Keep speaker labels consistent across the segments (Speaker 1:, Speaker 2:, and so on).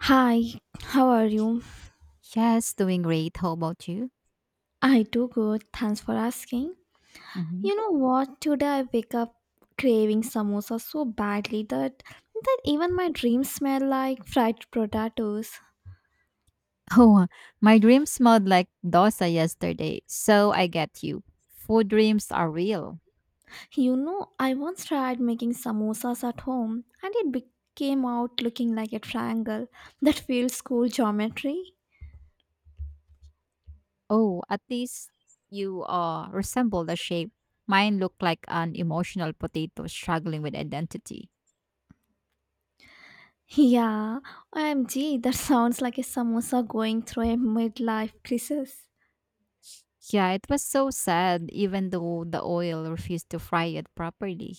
Speaker 1: Hi, how are you?
Speaker 2: Yes, doing great. How about you?
Speaker 1: I do good, thanks for asking.
Speaker 2: Hmm.
Speaker 1: You know what? Today I wake up craving samosa so badly that even my dreams smell like fried potatoes.
Speaker 2: Oh, my dream smelled like dosa yesterday. So I get you. Food dreams are real.
Speaker 1: You know, I once tried making samosas at home and it became out looking like a triangle that feels school geometry.
Speaker 2: Oh, at least you resemble the shape. Mine looked like an emotional potato struggling with identity.
Speaker 1: Yeah, OMG, that sounds like a samosa going through a midlife crisis.
Speaker 2: Yeah, it was so sad even though the oil refused to fry it properly.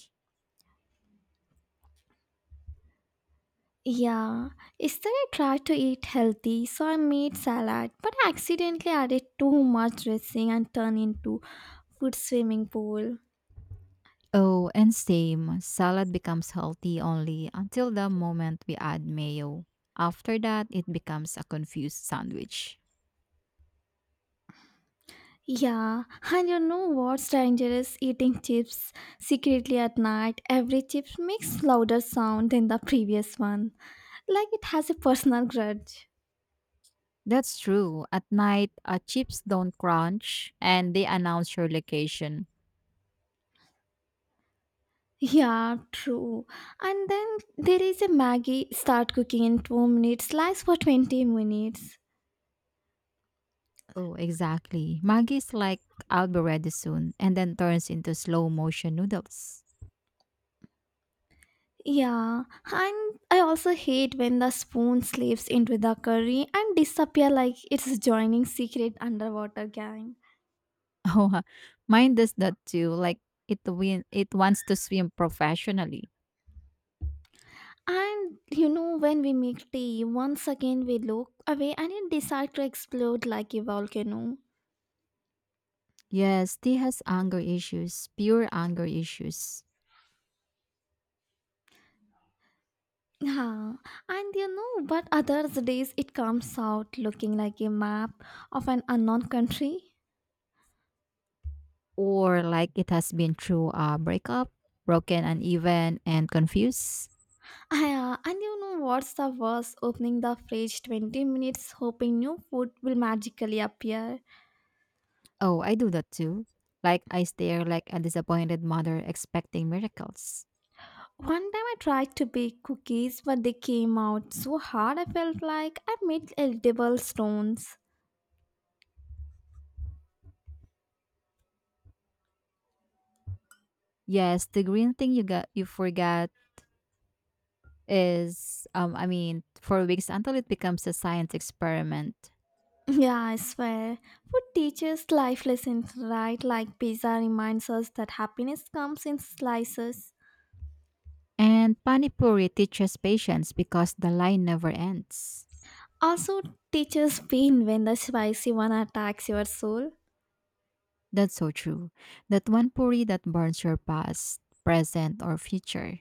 Speaker 1: Yeah, yesterday I tried to eat healthy, so I made salad, but I accidentally added too much dressing and turned into food swimming pool.
Speaker 2: Oh, and same. Salad becomes healthy only until the moment we add mayo. After that, it becomes a confused sandwich.
Speaker 1: Yeah, and you know what's dangerous? Eating chips secretly at night. Every chip makes louder sound than the previous one, like it has a personal grudge.
Speaker 2: That's true. At night, chips don't crunch and they announce your location.
Speaker 1: Yeah, true. And then there is a Maggie start cooking in 2 minutes, slice for 20 minutes.
Speaker 2: Oh, exactly. Maggie's like already soon and then turns into slow motion noodles.
Speaker 1: Yeah, and I also hate when the spoon slips into the curry and disappear like it's joining secret underwater gang.
Speaker 2: Oh, mine does that too. Like it wants to swim professionally.
Speaker 1: And you know when we make tea, once again we look away and it decides to explode like a volcano.
Speaker 2: Yes, T has anger issues, pure anger issues.
Speaker 1: Yeah, and you know, but other days it comes out looking like a map of an unknown country.
Speaker 2: Or like it has been through a breakup, broken, uneven, and confused.
Speaker 1: Yeah, and you know what's the worst? Opening the fridge 20 minutes hoping new food will magically appear.
Speaker 2: Oh, I do that too. Like I stare like a disappointed mother expecting miracles.
Speaker 1: One time I tried to bake cookies, but they came out so hard I felt like I made edible stones.
Speaker 2: Yes, the green thing you forgot is, I mean, for weeks until it becomes a science experiment.
Speaker 1: Yeah, I swear. Food teaches life lessons, right? Like pizza reminds us that happiness comes in slices.
Speaker 2: And panipuri teaches patience because the line never ends.
Speaker 1: Also, teaches pain when the spicy one attacks your soul.
Speaker 2: That's so true. That one puri that burns your past, present, or future.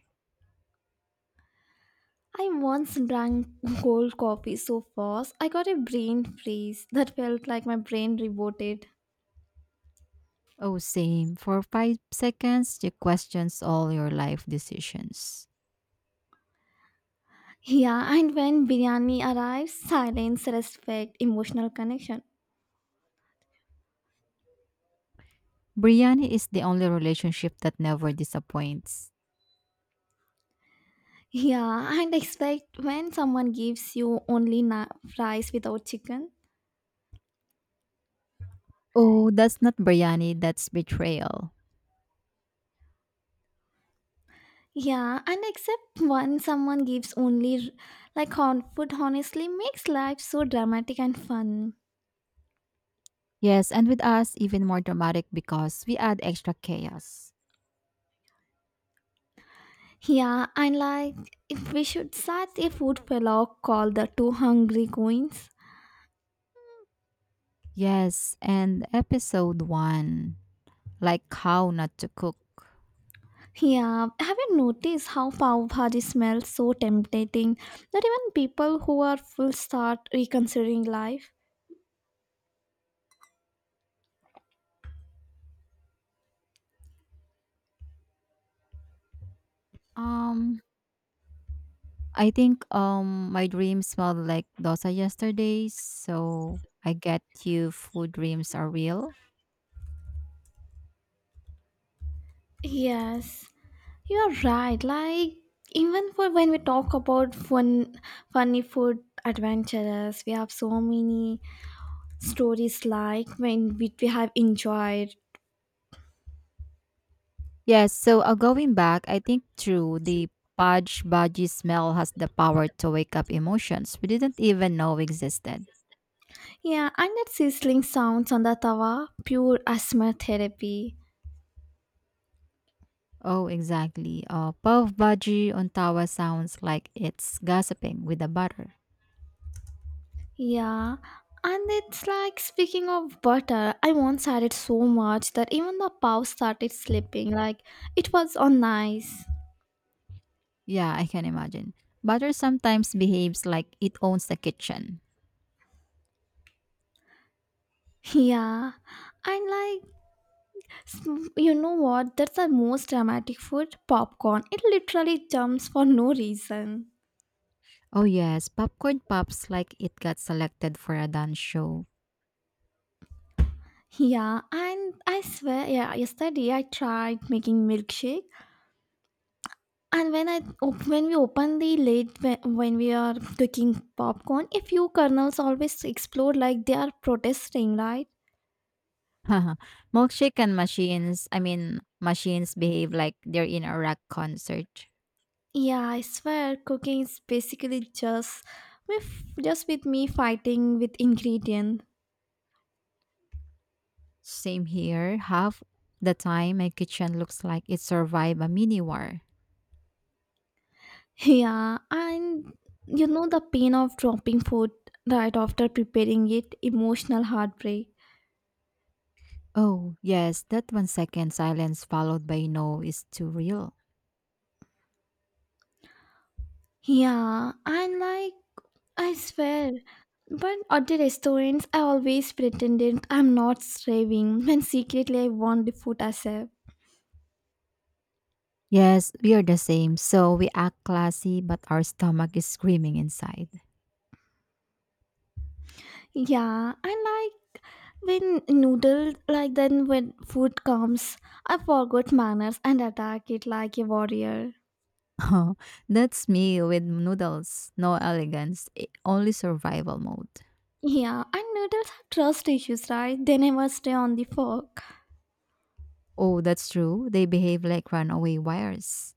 Speaker 1: I once drank cold coffee so fast I got a brain freeze that felt like my brain rebooted.
Speaker 2: Oh, same. For 5 seconds, you questions all your life decisions.
Speaker 1: Yeah, and when biryani arrives, silence, respect, emotional connection.
Speaker 2: Biryani is the only relationship that never disappoints.
Speaker 1: Yeah, and expect when someone gives you only fries without chicken.
Speaker 2: Oh, that's not biryani, that's betrayal.
Speaker 1: Yeah, and except when someone gives only like hot food honestly makes life so dramatic and fun.
Speaker 2: Yes, and with us, even more dramatic because we add extra chaos.
Speaker 1: Yeah, and like if we should start a food vlog called the two hungry queens.
Speaker 2: Yes, and episode one, like how not to cook.
Speaker 1: Yeah, have you noticed how pav bhaji smells so tempting that even people who are full start reconsidering life?
Speaker 2: Um, I think my dream smelled like dosa yesterday, so I get you food dreams are real.
Speaker 1: Yes, you are right. Like even for when we talk about fun, funny food adventures, we have so many stories like when we have enjoyed.
Speaker 2: Yes, so, going back, I think true, the pudge budgie smell has the power to wake up emotions we didn't even know existed.
Speaker 1: Yeah, and that sizzling sounds on the tawa, pure asthma therapy.
Speaker 2: Oh, exactly. Puff budgie on tawa sounds like it's gossiping with the butter.
Speaker 1: Yeah, and it's like speaking of butter, I once had it so much that even the cow started sleeping. Like it was on nice.
Speaker 2: Yeah, I can imagine. Butter sometimes behaves like it owns the kitchen.
Speaker 1: Yeah, and like s- you know what? That's the most dramatic food. Popcorn. It literally jumps for no reason.
Speaker 2: Oh yes, popcorn pops like it got selected for a dance show.
Speaker 1: Yeah, and I swear, yeah, yesterday I tried making milkshake. And when I when we open the lid when we are cooking popcorn, a few kernels always explode like they are protesting, right?
Speaker 2: Milkshake and machines, I mean, machines behave like they're in a rock concert.
Speaker 1: Yeah, I swear, cooking is basically with just with me fighting with ingredient.
Speaker 2: Same here. Half the time, my kitchen looks like it survived a mini war.
Speaker 1: Yeah, and you know the pain of dropping food right after preparing it, emotional heartbreak.
Speaker 2: Oh, yes, that 1 second silence followed by no is too real.
Speaker 1: Yeah, and like I swear, but at the restaurants, I always pretended I'm not starving when secretly I want the food I serve.
Speaker 2: Yes, we are the same. So we act classy, but our stomach is screaming inside.
Speaker 1: Yeah, I like when noodles like then when food comes, I forgot manners and attack it like a warrior.
Speaker 2: Oh, that's me with noodles. No elegance, only survival mode.
Speaker 1: Yeah, and noodles have trust issues, right? They never stay on the fork.
Speaker 2: Oh, that's true. They behave like runaway wires.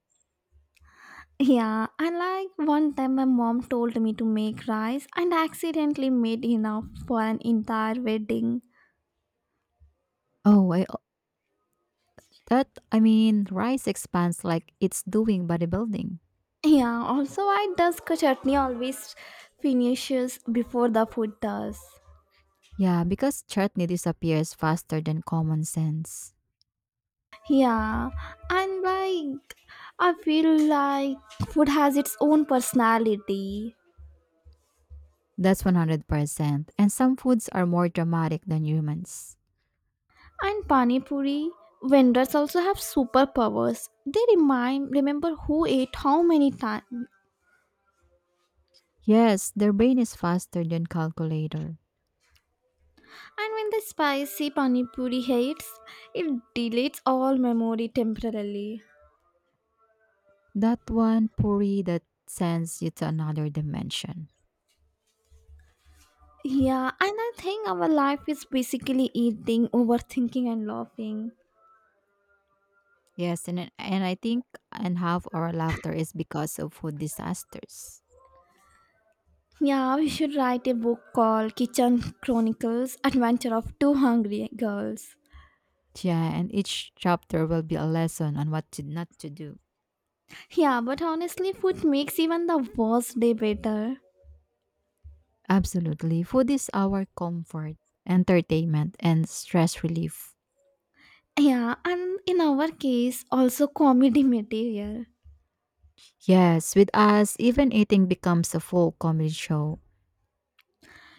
Speaker 1: Yeah, and like one time my mom told me to make rice and I accidentally made enough for an entire wedding.
Speaker 2: Oh, I mean, rice expands like it's doing bodybuilding.
Speaker 1: Yeah, also why does ka chutney always finishes before the food does?
Speaker 2: Yeah, because chutney disappears faster than common sense.
Speaker 1: Yeah, and like I feel like food has its own personality.
Speaker 2: That's 100%. And some foods are more dramatic than humans.
Speaker 1: And pani puri vendors also have superpowers. They remind remember who ate how many times.
Speaker 2: Yes, their brain is faster than calculator.
Speaker 1: And when the spicy pani puri hits, it deletes all memory temporarily.
Speaker 2: That one puri that sends you to another dimension.
Speaker 1: Yeah, and I think our life is basically eating, overthinking, and laughing.
Speaker 2: Yes, and I think and half our laughter is because of food disasters.
Speaker 1: Yeah, we should write a book called Kitchen Chronicles Adventure of Two Hungry Girls.
Speaker 2: Yeah, and each chapter will be a lesson on what to not to do.
Speaker 1: Yeah, but honestly, food makes even the worst day better.
Speaker 2: Absolutely. Food is our comfort, entertainment, and stress relief.
Speaker 1: Yeah, and in our case, also comedy material.
Speaker 2: Yes, with us, even eating becomes a full comedy show.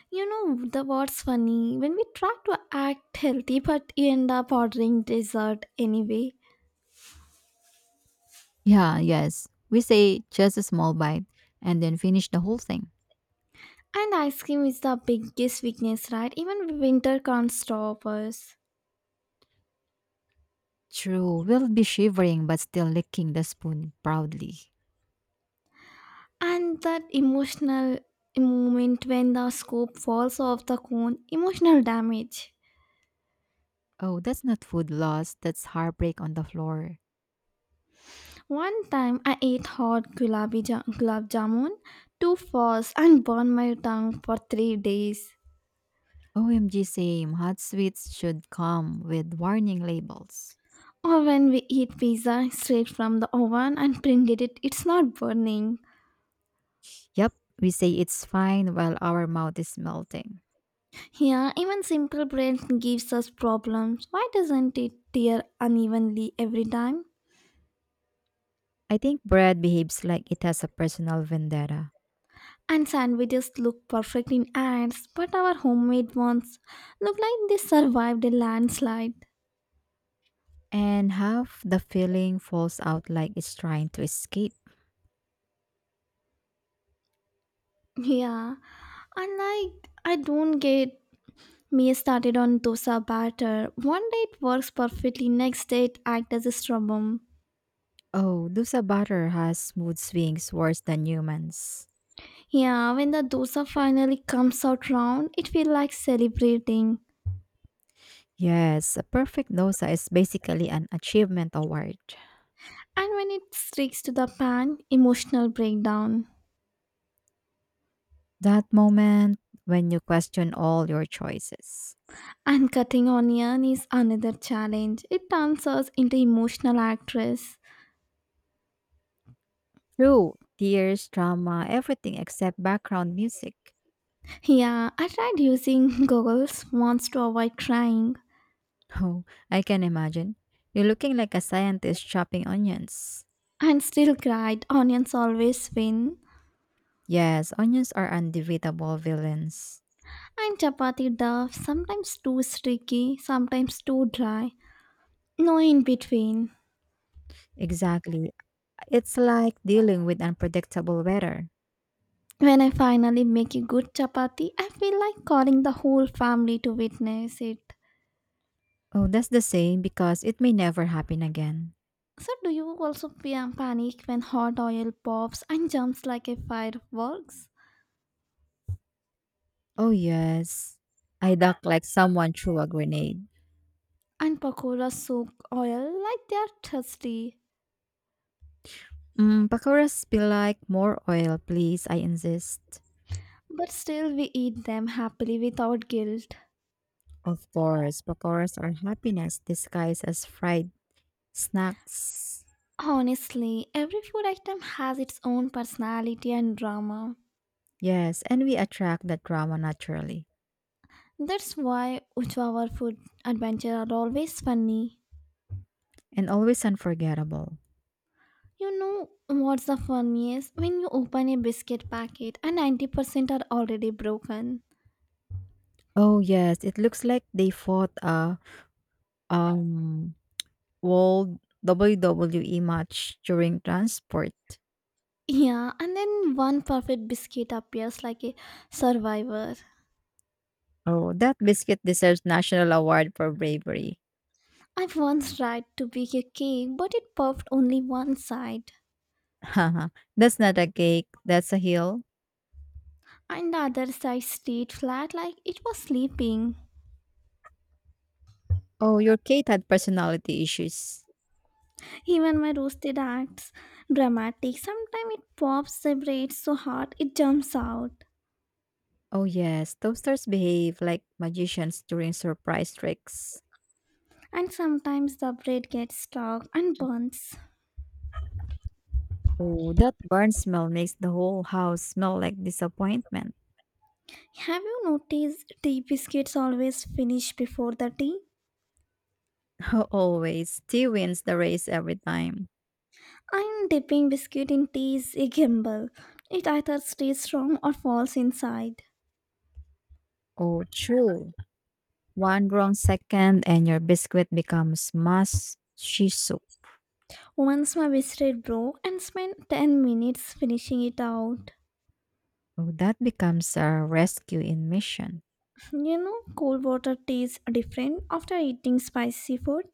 Speaker 1: You know, the what's funny when we try to act healthy but you end up ordering dessert anyway.
Speaker 2: Yeah, yes. We say just a small bite and then finish the whole thing.
Speaker 1: And ice cream is the biggest weakness, right? Even winter can't stop us.
Speaker 2: True, we'll be shivering but still licking the spoon proudly.
Speaker 1: And that emotional moment when the scoop falls off the cone, emotional damage.
Speaker 2: Oh, that's not food loss, that's heartbreak on the floor.
Speaker 1: One time I ate hot gulab jamun too fast and burned my tongue for 3 days.
Speaker 2: OMG, same. Hot sweets should come with warning labels.
Speaker 1: Or when we eat pizza straight from the oven and printed it, it's not burning.
Speaker 2: Yep, we say it's fine while our mouth is melting.
Speaker 1: Yeah, even simple bread gives us problems. Why doesn't it tear unevenly every time?
Speaker 2: I think bread behaves like it has a personal vendetta.
Speaker 1: And sandwiches look perfect in ads, but our homemade ones look like they survived a landslide.
Speaker 2: And half the filling falls out like it's trying to escape.
Speaker 1: Yeah, and like I don't get me started on dosa batter. One day it works perfectly, next day it acts as a problem.
Speaker 2: Oh, dosa butter has mood swings worse than humans.
Speaker 1: Yeah, when the dosa finally comes out round, it feels like celebrating.
Speaker 2: Yes, a perfect dosa is basically an achievement award.
Speaker 1: And when it sticks to the pan, emotional breakdown.
Speaker 2: That moment when you question all your choices.
Speaker 1: And cutting onion is another challenge. It turns us into emotional actress.
Speaker 2: True, tears, drama, everything except background music.
Speaker 1: Yeah, I tried using goggles once to avoid crying
Speaker 2: Oh, I can imagine. You're looking like a scientist chopping onions.
Speaker 1: and still cried. Onions always win.
Speaker 2: Yes, onions are undebatable villains.
Speaker 1: And chapati duff, sometimes too sticky, sometimes too dry. No in between.
Speaker 2: Exactly. It's like dealing with unpredictable weather.
Speaker 1: When I finally make a good chapati, I feel like calling the whole family to witness it.
Speaker 2: Oh, that's the same because it may never happen again.
Speaker 1: So, do you also panic when hot oil pops and jumps like a fireworks?
Speaker 2: Oh, yes. I duck like someone threw a grenade.
Speaker 1: And pakoras soak oil like they are thirsty.
Speaker 2: Pakoras spill like more oil, please. I insist.
Speaker 1: But still, we eat them happily without guilt.
Speaker 2: Of course, pakoras are happiness disguised as fried snacks.
Speaker 1: Honestly, every food item has its own personality and drama.
Speaker 2: Yes, and we attract that drama naturally
Speaker 1: That's why Uchavar food adventure are always funny.
Speaker 2: and always unforgettable.
Speaker 1: You know what's the funniest? When you open a biscuit packet and 90% are already broken.
Speaker 2: Oh, yes. It looks like they fought a um World WWE match during transport.
Speaker 1: Yeah, and then one perfect biscuit appears like a survivor.
Speaker 2: Oh, that biscuit deserves national award for bravery.
Speaker 1: I once tried to bake a cake, but it puffed only one side.
Speaker 2: Haha, that's not a cake, that's a hill.
Speaker 1: And the other side stayed flat like it was sleeping.
Speaker 2: Oh, your Kate had personality issues.
Speaker 1: Even my roasted acts dramatic. Sometimes it pops the bread so hard it jumps out.
Speaker 2: Oh yes, toasters behave like magicians during surprise tricks.
Speaker 1: And sometimes the bread gets stuck and burns.
Speaker 2: Oh, that burn smell makes the whole house smell like disappointment.
Speaker 1: Have you noticed tea biscuits always finish before the tea?
Speaker 2: Always, tea wins the race every time.
Speaker 1: And dipping biscuit in tea is a gamble. It either stays strong or falls inside.
Speaker 2: Oh, true. One wrong second and your biscuit becomes mas shiso.
Speaker 1: Once my biscuit broke and spent 10 minutes finishing it out.
Speaker 2: Oh, that becomes a rescue in mission.
Speaker 1: You know, cold water tastes different after eating spicy food.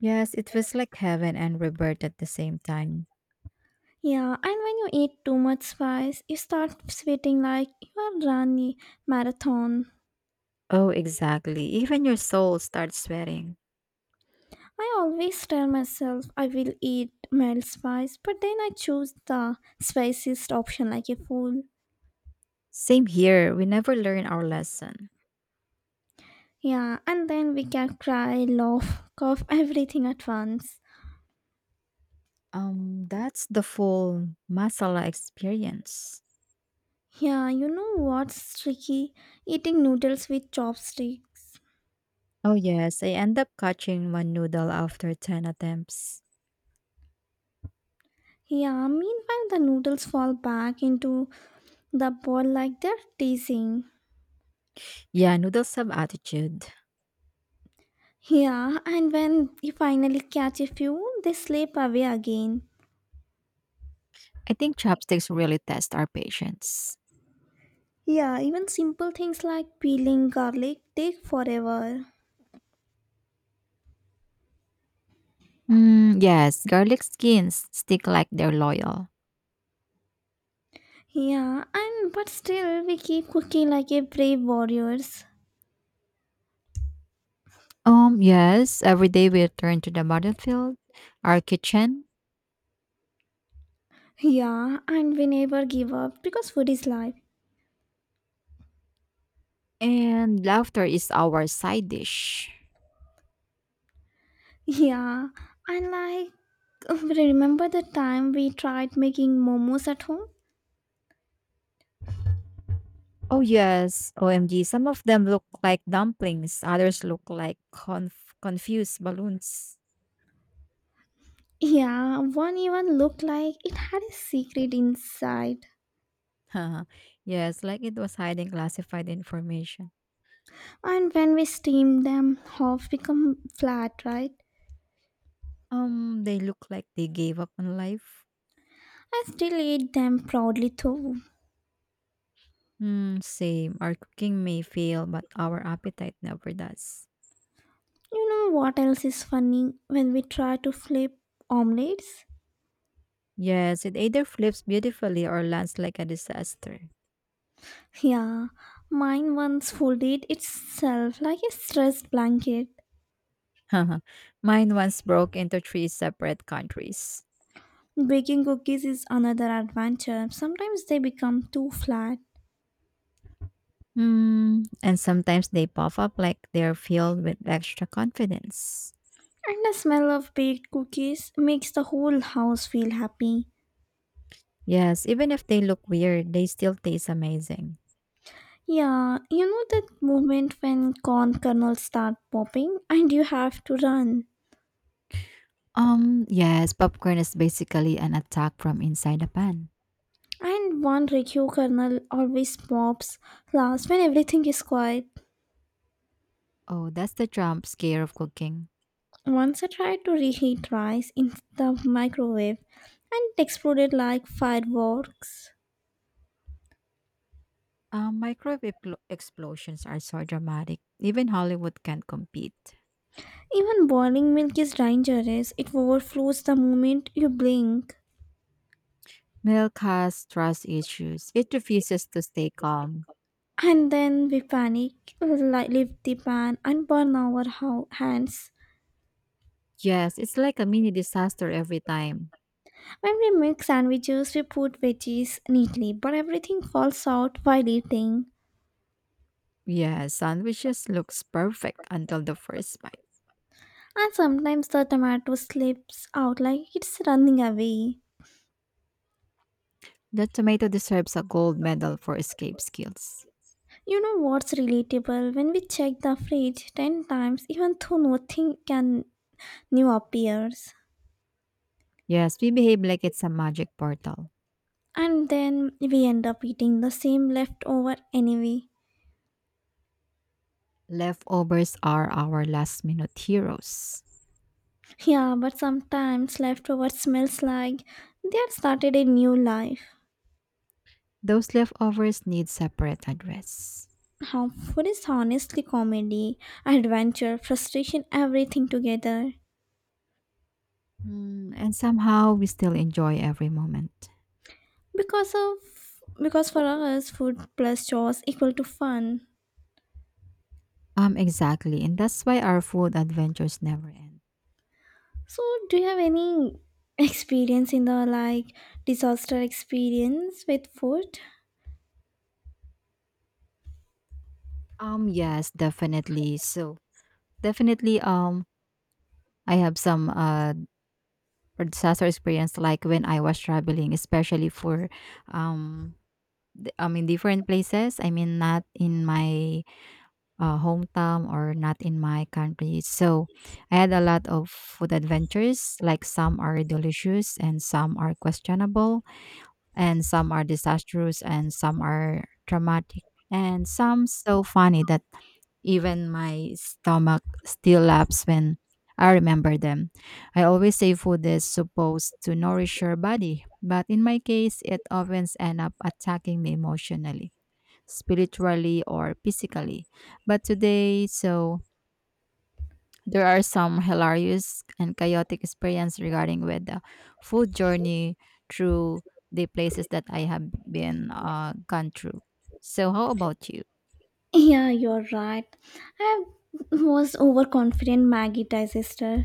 Speaker 2: Yes, it was like heaven and rebirth at the same time.
Speaker 1: Yeah, and when you eat too much spice, you start sweating like you are running marathon.
Speaker 2: Oh, exactly. Even your soul starts sweating.
Speaker 1: I always tell myself I will eat mild spice, but then I choose the spiciest option like a fool.
Speaker 2: Same here. We never learn our lesson.
Speaker 1: Yeah, and then we can cry, laugh, cough, everything at once.
Speaker 2: That's the full masala experience.
Speaker 1: Yeah, you know what's tricky? Eating noodles with chopsticks.
Speaker 2: Oh yes, I end up catching one noodle after 10 attempts.
Speaker 1: Yeah, meanwhile the noodles fall back into the ball like they're teasing.
Speaker 2: Yeah, noodles have attitude.
Speaker 1: Yeah, and when you finally catch a few, they slip away again.
Speaker 2: I think chopsticks really test our patience.
Speaker 1: Yeah, even simple things like peeling garlic take forever.
Speaker 2: Mm, yes, garlic skins stick like they're loyal.
Speaker 1: Yeah, and but still we keep cooking like a brave warriors.
Speaker 2: Yes, every day we return to the battlefield, our kitchen,
Speaker 1: Yeah, and we never give up because food is life.
Speaker 2: and laughter is our side dish.
Speaker 1: Yeah, and like remember the time we tried making momos at home?
Speaker 2: Oh, yes. OMG. Some of them look like dumplings, others look like confused balloons.
Speaker 1: Yeah, one even looked like it had a secret inside.
Speaker 2: Yes, like it was hiding classified information.
Speaker 1: And when we steam them, half become flat, right?
Speaker 2: They look like they gave up on life.
Speaker 1: I still eat them proudly though.
Speaker 2: Hmm. Same. Our cooking may fail, but our appetite never does.
Speaker 1: You know what else is funny when we try to flip omelets?
Speaker 2: Yes, it either flips beautifully or lands like a disaster.
Speaker 1: Yeah, mine once folded itself like a stressed blanket.
Speaker 2: Mine once broke into three separate countries.
Speaker 1: Baking cookies is another adventure. Sometimes they become too flat.
Speaker 2: Hmm. And sometimes they pop up like they're filled with extra confidence.
Speaker 1: And the smell of baked cookies makes the whole house feel happy.
Speaker 2: Yes, even if they look weird, they still taste amazing.
Speaker 1: Yeah, you know that moment when corn kernels start popping and you have to run.
Speaker 2: Yes, popcorn is basically an attack from inside a pan.
Speaker 1: And one Rikyu kernel always pops last when everything is quiet.
Speaker 2: Oh, that's the Trump scare of cooking.
Speaker 1: Once I tried to reheat rice in the microwave and it exploded like fireworks.
Speaker 2: Microwave explosions are so dramatic. Even Hollywood can't compete.
Speaker 1: Even boiling milk is dangerous, it overflows the moment you blink.
Speaker 2: Milk has trust issues. It refuses to stay calm.
Speaker 1: And then we panic, lift the pan, and burn our hands.
Speaker 2: Yes, it's like a mini disaster every time.
Speaker 1: When we make sandwiches, we put veggies neatly, but everything falls out while eating.
Speaker 2: Yes, sandwiches looks perfect until the first bite.
Speaker 1: And sometimes the tomato slips out like it's running away.
Speaker 2: The tomato deserves a gold medal for escape skills.
Speaker 1: You know what's relatable? When we check the fridge 10 times, even though nothing can new appears.
Speaker 2: Yes, we behave like it's a magic portal.
Speaker 1: And then we end up eating the same leftover anyway.
Speaker 2: Leftovers are our last minute heroes.
Speaker 1: Yeah, but sometimes leftover smells like they had started a new life.
Speaker 2: Those leftovers need separate address.
Speaker 1: Harmful is honestly comedy, adventure, frustration, everything together.
Speaker 2: Hmm, and somehow we still enjoy every moment.
Speaker 1: Because of because for us, food plus chores equal to fun.
Speaker 2: Exactly, and that's why our food adventures never end.
Speaker 1: So, do you have any experience in the like disaster experience with food?
Speaker 2: Yes, definitely. So definitely, I have some disaster experience like when I was traveling, especially for um I mean different places. I mean not in my hometown or not in my country. So I had a lot of food adventures. Like some are delicious and some are questionable and some are disastrous and some are traumatic and some so funny that even my stomach still laughs when I remember them. I always say food is supposed to nourish your body, but in my case, it often ends up attacking me emotionally, spiritually, or physically. But today, so there are some hilarious and chaotic experience regarding with the food journey through the places that I have been, gone through. So, how about you?
Speaker 1: Yeah, you're right. I was overconfident Maggie digester.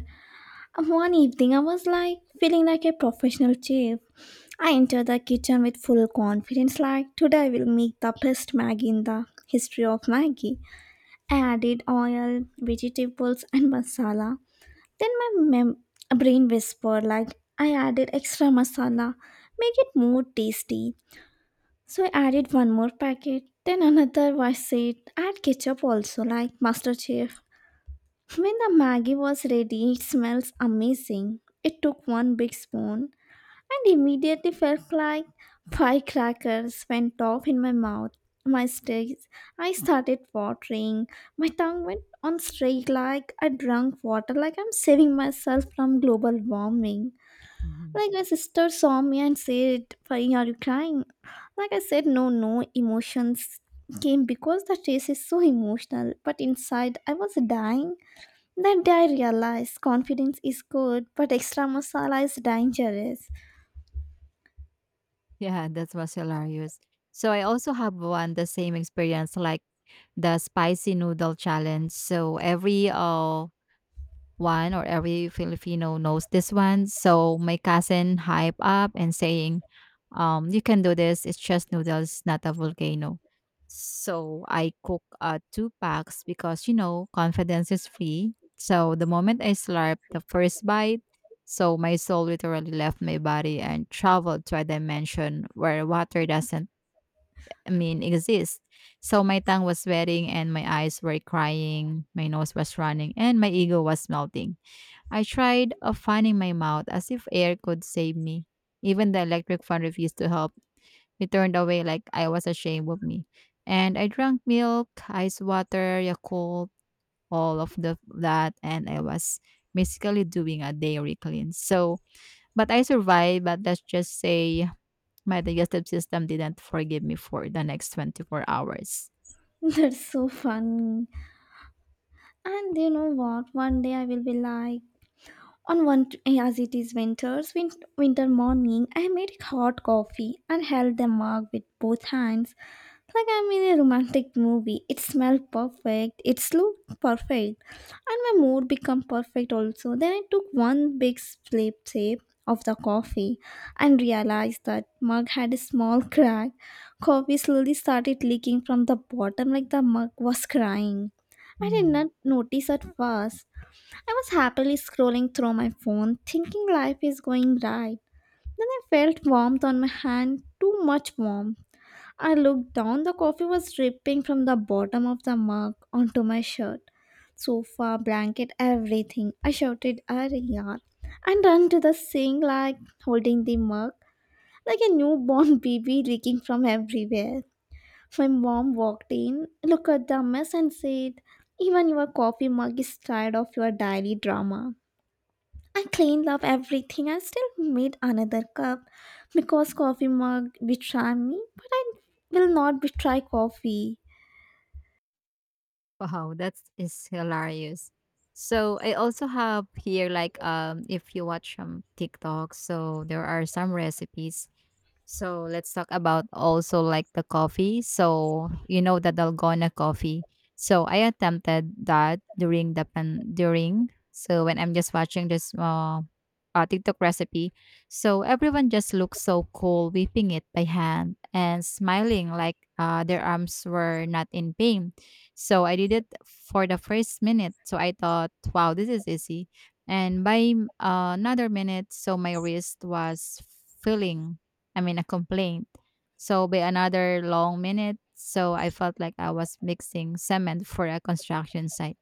Speaker 1: One evening, I was like feeling like a professional chef. I entered the kitchen with full confidence, like today I will make the best Maggie in the history of Maggie. I added oil, vegetables, and masala. Then my brain whispered, like I added extra masala, make it more tasty. So I added one more packet. Then another voice said, add ketchup also, like Master Chef. When the Maggie was ready, it smells amazing. It took one big spoon and immediately felt like firecrackers went off in my mouth. My stage, I started watering. My tongue went on straight like I drank water, like I'm saving myself from global warming. Like my sister saw me and said, Fari, are you crying? Like I said, no, no, emotions came because the taste is so emotional, but inside I was dying. That day I realized confidence is good, but extra masala is dangerous.
Speaker 2: Yeah, that was hilarious. So I also have one the same experience like the spicy noodle challenge. So every one or every Filipino knows this one. So my cousin hype up and saying, you can do this. It's just noodles, not a volcano. So I cook two packs because confidence is free. So the moment I slurped the first bite, so my soul literally left my body and traveled to a dimension where water doesn't, I mean, exist. So my tongue was sweating and my eyes were crying, my nose was running, and my ego was melting. I tried fanning my mouth as if air could save me. Even the electric fan refused to help. It turned away like I was ashamed of me. And I drank milk, ice water, Yakult, all of the that, and I was basically doing a dairy cleanse. So, but I survived. But let's just say my digestive system didn't forgive me for the next 24 hours.
Speaker 1: That's so funny. And you know what? One day I will be like, on one, as it is winters, winter morning, I made hot coffee and held the mug with both hands. Like I'm in a romantic movie. It smelled perfect. It looked perfect. And my mood become perfect also. Then I took one big slip sip of the coffee and realized that mug had a small crack. Coffee slowly started leaking from the bottom like the mug was crying. I did not
Speaker 2: Hmm.
Speaker 1: notice at first. I was happily scrolling through my phone, thinking life is going right. Then I felt warmth on my hand, too much warmth. I looked down, the coffee was dripping from the bottom of the mug onto my shirt, sofa, blanket, everything. I shouted, Ariyar, and ran to the sink, like holding the mug, like a newborn baby leaking from everywhere. My mom walked in, looked at the mess, and said, even your coffee mug is tired of your daily drama. I cleaned up everything. I still made another cup because coffee mug betray me, but I will not betray coffee.
Speaker 2: Wow, that is hilarious. So I also have here like if you watch TikTok, so there are some recipes, so let's talk about also like the coffee. So you know the Dalgona coffee. So I attempted that during the pan during, so when I'm just watching this TikTok recipe. So everyone just looks so cool whipping it by hand and smiling like their arms were not in pain. So I did it for the first minute. So I thought, wow, this is easy. And by another minute, so my wrist was feeling, I mean, a complaint. So, by another long minute, so I felt like I was mixing cement for a construction site.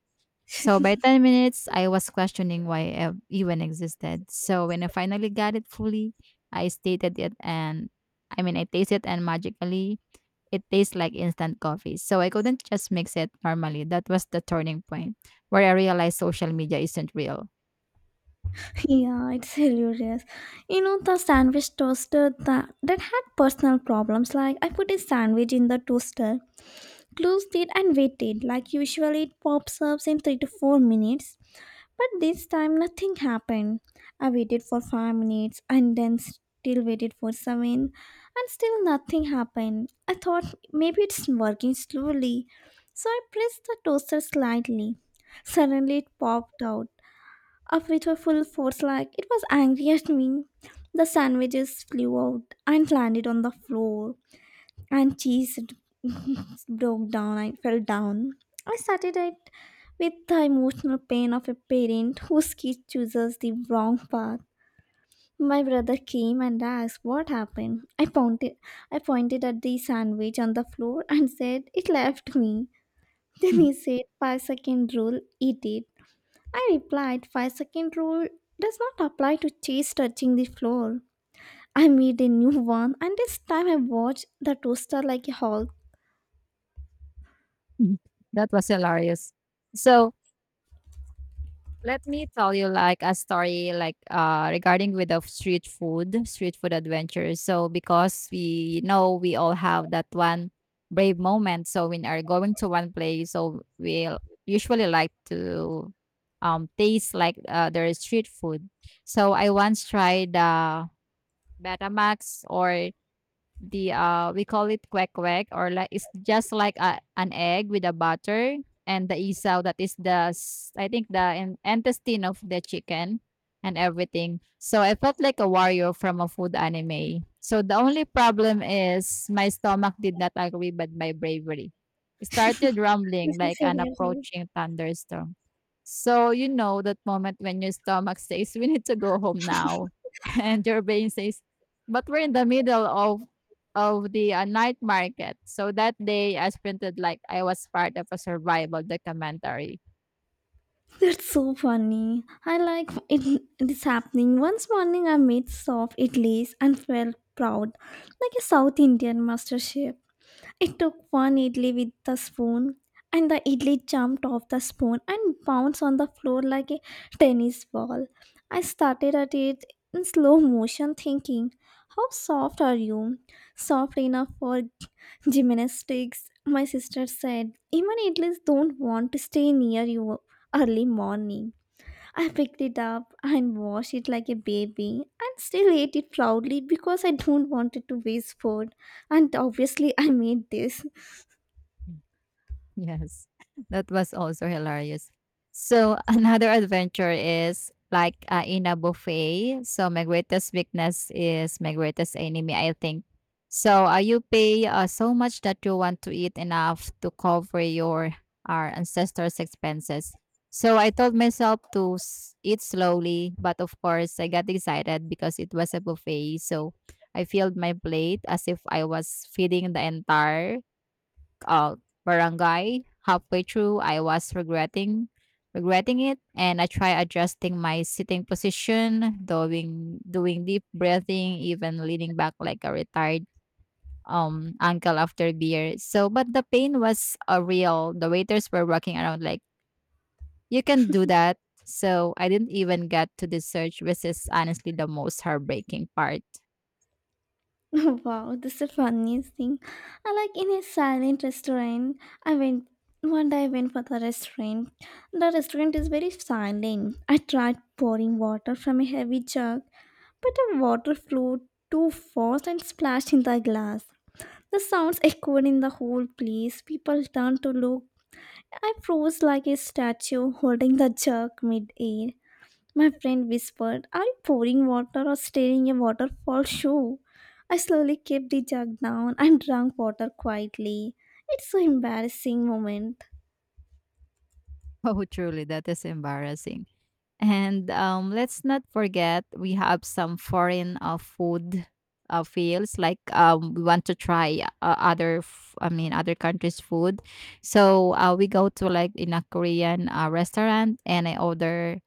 Speaker 2: So, by 10 minutes, I was questioning why I even existed. So, when I finally got it fully, I stated it, and, I mean, I tasted it and magically, it tastes like instant coffee. So, I couldn't just mix it normally. That was the turning point where I realized social media isn't real.
Speaker 1: Yeah, it's hilarious. You know the sandwich toaster that had personal problems. Like I put a sandwich in the toaster, closed it and waited. Like usually, it pops up in 3 to 4 minutes. But this time, nothing happened. I waited for 5 minutes and then still waited for 7, and still nothing happened. I thought maybe it's working slowly. So I pressed the toaster slightly. Suddenly, it popped out, up with a full force like it was angry at me. The sandwiches flew out and landed on the floor, and broke down. I fell down. I started it with the emotional pain of a parent whose kid chooses the wrong path. My brother came and asked what happened. I pointed at the sandwich on the floor and said it left me. Then he said 5 second rule, eat it. I replied 5 second rule does not apply to cheese touching the floor. I made a new one and this time I watched the toaster like a hawk.
Speaker 2: That was hilarious. So, let me tell you like a story like regarding with the street food adventure. So because we know we all have that one brave moment. So when are going to one place, so we'll usually like to taste like their street food. So I once tried Betamax or the we call it quack quack, or like it's just like an egg with a butter and the isaw that is the I think the intestine of the chicken and everything. So I felt like a warrior from a food anime. So the only problem is my stomach did not agree with my bravery. It started
Speaker 1: This
Speaker 2: rumbling
Speaker 1: is
Speaker 2: like an
Speaker 1: hilarious.
Speaker 2: approaching thunderstorm. So you know that moment when your stomach says we need to go home now and your brain says but we're in the middle of the, night market. So that day I sprinted like I was part of a survival documentary.
Speaker 1: That's so funny. I like it. This happening. Once morning, I made soft idlis and felt proud, like a South Indian master chef. I took one idli with the spoon, and the idli jumped off the spoon and bounced on the floor like a tennis ball. I started at it in slow motion, thinking, "How soft are you? Soft enough for gymnastics," my sister said. Even athletes don't want to stay near you early morning. I picked it up and washed it like a baby and still ate it proudly because I don't want it to waste food. And obviously, I made this.
Speaker 2: Yes, that was also hilarious. So another adventure is like in a buffet. So my greatest weakness is my greatest enemy, I think. So you pay so much that you want to eat enough to cover your our ancestors' expenses. So I told myself to eat slowly, but of course I got excited because it was a buffet. So I filled my plate as if I was feeding the entire uh, barangay. Halfway through, I was regretting it, and I tried adjusting my sitting position, doing deep breathing, even leaning back like a retired uncle after beer. But the pain was real. The waiters were walking around like you can do that. So I didn't even get to the search, which is honestly the most heartbreaking part.
Speaker 1: Wow, this is the funniest thing. I like in a silent restaurant, I went. One day I went for the restaurant. The restaurant is very silent. I tried pouring water from a heavy jug, but a water flowed too fast and splashed in the glass. The sounds echoed in the whole place. People turned to look. I froze like a statue holding the jug mid-air. My friend whispered, are you pouring water or stirring a waterfall show? I slowly kept the jug down and drank water quietly. It's so embarrassing moment.
Speaker 2: Oh, truly, that is embarrassing. And let's not forget we have some foreign food fields like we want to try other I mean other countries food. So we go to like in a Korean restaurant and I order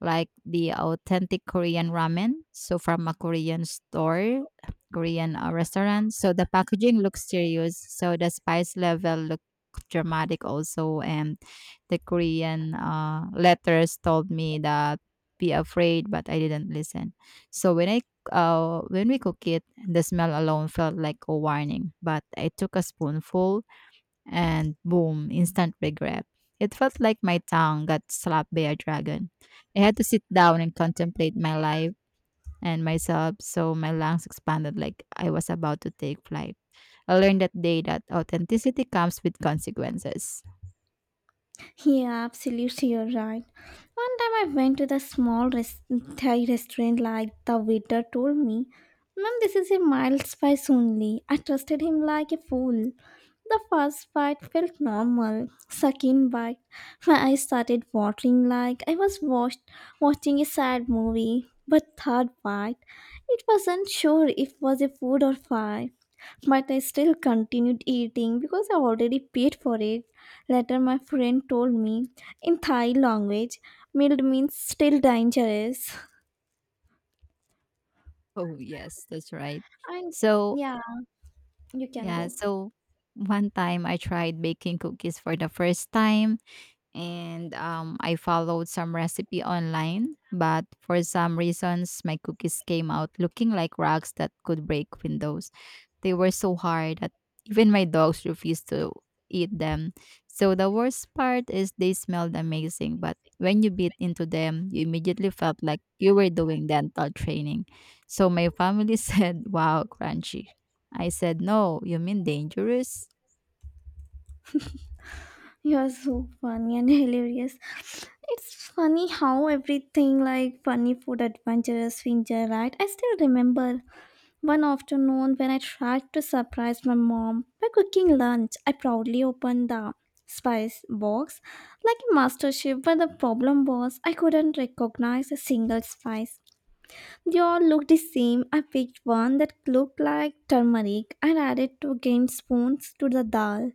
Speaker 2: like the authentic Korean ramen. So from a Korean store, Korean restaurant. So the packaging looks serious. So the spice level look dramatic also. And the Korean letters told me that be afraid, but I didn't listen. So when we cook it, the smell alone felt like a warning. But I took a spoonful and boom, instant regret. It felt like my tongue got slapped by a dragon. I had to sit down and contemplate my life and myself, so my lungs expanded like I was about to take flight. I learned that day that authenticity comes with consequences.
Speaker 1: Yeah, absolutely, you're right. One time I went to the Thai restaurant, like the waiter told me, Ma'am, this is a mild spice only. I trusted him like a fool. The first bite felt normal. Second bite, my eyes started watering like I watching a sad movie. But third bite, it wasn't sure if was a food or fire. But I still continued eating because I already paid for it. Later, my friend told me in Thai language, mild means still dangerous.
Speaker 2: Oh, yes, that's right.
Speaker 1: And
Speaker 2: So,
Speaker 1: yeah, you can
Speaker 2: Yeah,
Speaker 1: go.
Speaker 2: so one time I tried baking cookies for the first time and I followed some recipe online, but for some reasons my cookies came out looking like rocks that could break windows. They were so hard that even my dogs refused to eat them. So the worst part is they smelled amazing, but when you bit into them, you immediately felt like you were doing dental training. So my family said, "Wow, crunchy." I said, "No, you mean dangerous?"
Speaker 1: You're so funny and hilarious. It's funny how everything like funny food adventures we enjoy, right? I still remember one afternoon when I tried to surprise my mom by cooking lunch. I proudly opened the spice box like a master chef, but the problem was I couldn't recognize a single spice. They all looked the same. I picked one that looked like turmeric and added two gained spoons to the dal.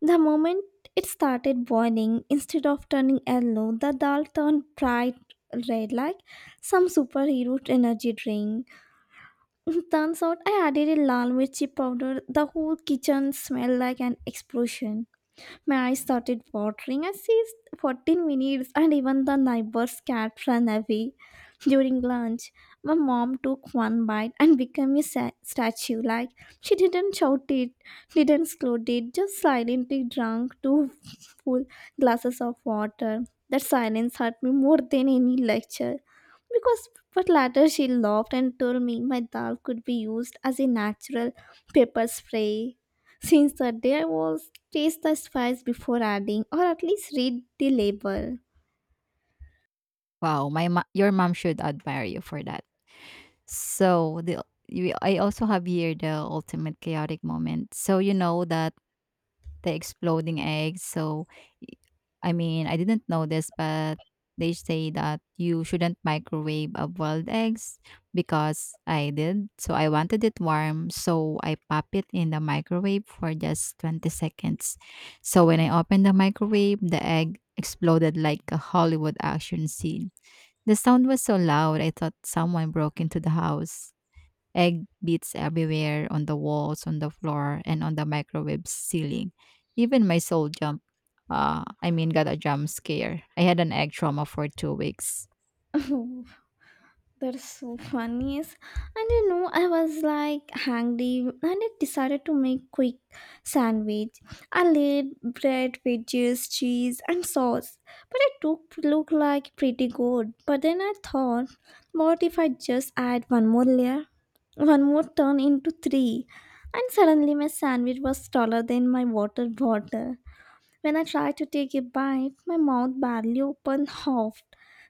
Speaker 1: The moment it started boiling, instead of turning yellow, the dal turned bright red like some superhero energy drink. Turns out I added a lal mirchi powder. The whole kitchen smelled like an explosion. My eyes started watering. I seized 14 minutes, and even the neighbor's cat ran away. During lunch, my mom took one bite and became a statue. Like, she didn't shout it, didn't scold it, just silently drank two full glasses of water. That silence hurt me more than any lecture. Because but later she laughed and told me my dal could be used as a natural pepper spray. Since that day I was taste the spice before adding or at least read the label.
Speaker 2: Wow, my your mom should admire you for that. So I also have here the ultimate chaotic moment. So you know that the exploding eggs. Y- I mean, I didn't know this, but they say that you shouldn't microwave a boiled eggs because I did. So I wanted it warm, so I pop it in the microwave for just 20 seconds. So when I opened the microwave, the egg exploded like a Hollywood action scene. The sound was so loud, I thought someone broke into the house. Egg beats everywhere, on the walls, on the floor, and on the microwave ceiling. Even my soul jump. I mean, got a jump scare. I had an egg trauma for 2 weeks.
Speaker 1: Oh, that's so funny. Yes. And you know, I was like hungry and I decided to make quick sandwich. I laid bread, veggies, cheese and sauce. But it took look like pretty good. But then I thought, what if I just add one more layer? One more turned into three, and suddenly my sandwich was taller than my water bottle. When I tried to take a bite, my mouth barely opened half.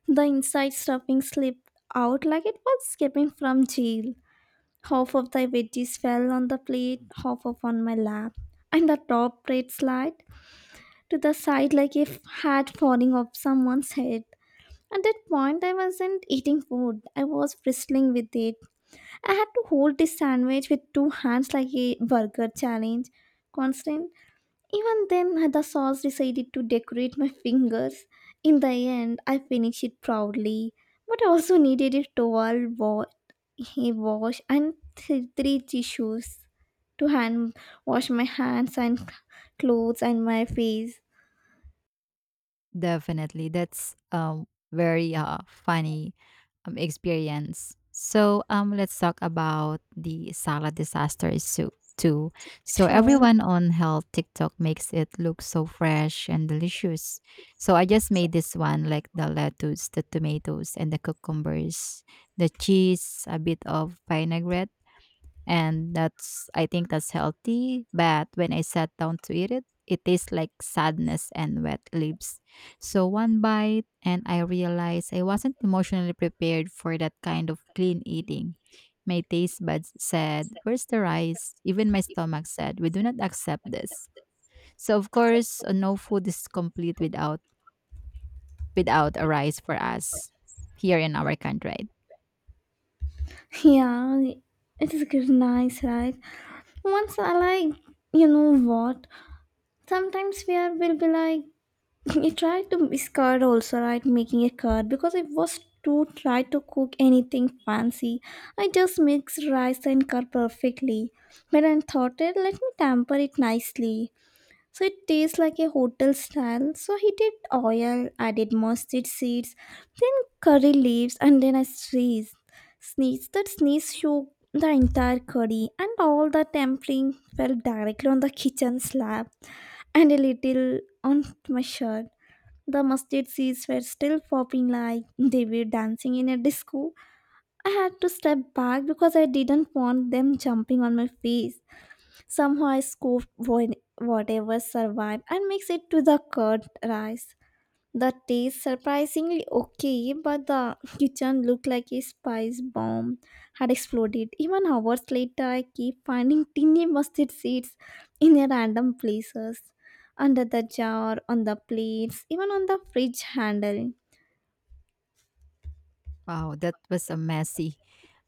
Speaker 1: The inside stuffing slipped out like it was escaping from jail. Half of the veggies fell on the plate, half of on my lap, and the top plate slid to the side like a hat falling off someone's head. At that point, I wasn't eating food. I was bristling with it. I had to hold this sandwich with two hands like a burger challenge. Constant. Even then, the sauce decided to decorate my fingers. In the end, I finished it proudly, but I also needed a towel, a wash, and three tissues to hand wash my hands and clothes and my face.
Speaker 2: Definitely. That's very funny experience. So let's talk about the salad disaster soup too. So
Speaker 1: Sure.
Speaker 2: everyone on health TikTok makes it look so fresh and delicious. So I just made this one like the lettuce, the tomatoes and the cucumbers, the cheese, a bit of vinaigrette and that's I think that's healthy. But when I sat down to eat it, it tastes like sadness and wet leaves. So one bite, and I realized I wasn't emotionally prepared for that kind of clean eating. My taste buds said, "Where's the rice?" Even my stomach said, "We do not accept this." So, of course, no food is complete without a rice for us here in our country.
Speaker 1: Yeah, it is good, nice, right? Once I like, you know what? Sometimes we are will be like I tried to discard also, right? Making a card because I was too try to cook anything fancy. I just mixed rice and curd perfectly. But I thought it, let me temper it nicely. So it tastes like a hotel style. So he did oil, added mustard seeds, then curry leaves, and then I sneezed. Sneeze that sneeze shook the entire curry, and all the tempering fell directly on the kitchen slab and a little on my shirt. The mustard seeds were still popping like they were dancing in a disco. I had to step back because I didn't want them jumping on my face. Somehow I scooped whatever survived and mixed it to the curd rice. The taste surprisingly okay, but the kitchen looked like a spice bomb had exploded. Even hours later, I keep finding tiny mustard seeds in a random places, under the jar, on the plates, even on the fridge handle.
Speaker 2: Wow, that was a messy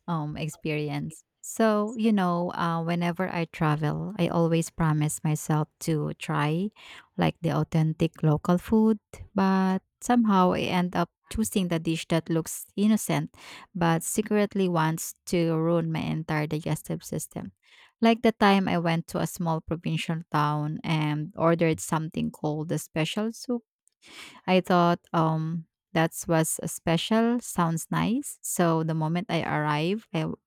Speaker 2: experience. So, you know, whenever I travel, I always promise myself to try like the authentic local food, but somehow I end up choosing the dish that looks innocent but secretly wants to ruin my entire digestive system. Like the time I went to a small provincial town and ordered something called the special soup. I thought that was a special sounds nice. So the moment I arrived I, w-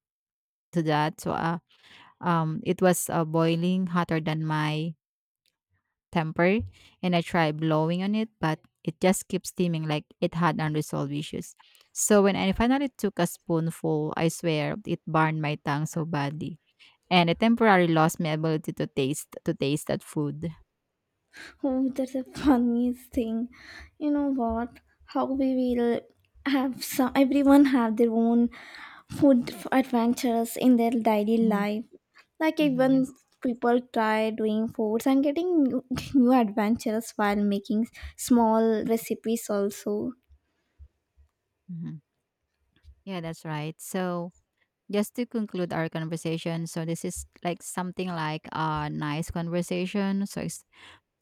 Speaker 2: to that, so it was boiling hotter than my temper, and I tried blowing on it, but it just kept steaming like it had unresolved issues. So when I finally took a spoonful, I swear it burned my tongue so badly, and it temporarily lost my ability to taste that food.
Speaker 1: Oh, that's the funniest thing. You know what? How we will have some. Everyone have their own food adventures in their daily
Speaker 2: hmm
Speaker 1: life. Like
Speaker 2: hmm,
Speaker 1: even
Speaker 2: yes.
Speaker 1: people try doing foods and getting new, new adventures while making small recipes also.
Speaker 2: hmm Yeah, that's right. So just to conclude our conversation, so this is like something like a nice conversation, so it's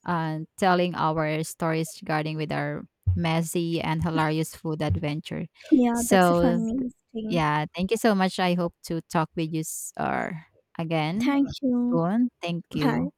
Speaker 2: telling our stories regarding with our messy and hilarious food adventure.
Speaker 1: Yeah, that's a
Speaker 2: So
Speaker 1: funny thing.
Speaker 2: yeah, thank you so much. I hope to talk with you s- or again
Speaker 1: Thank you.
Speaker 2: soon. Thank
Speaker 1: Bye.
Speaker 2: you.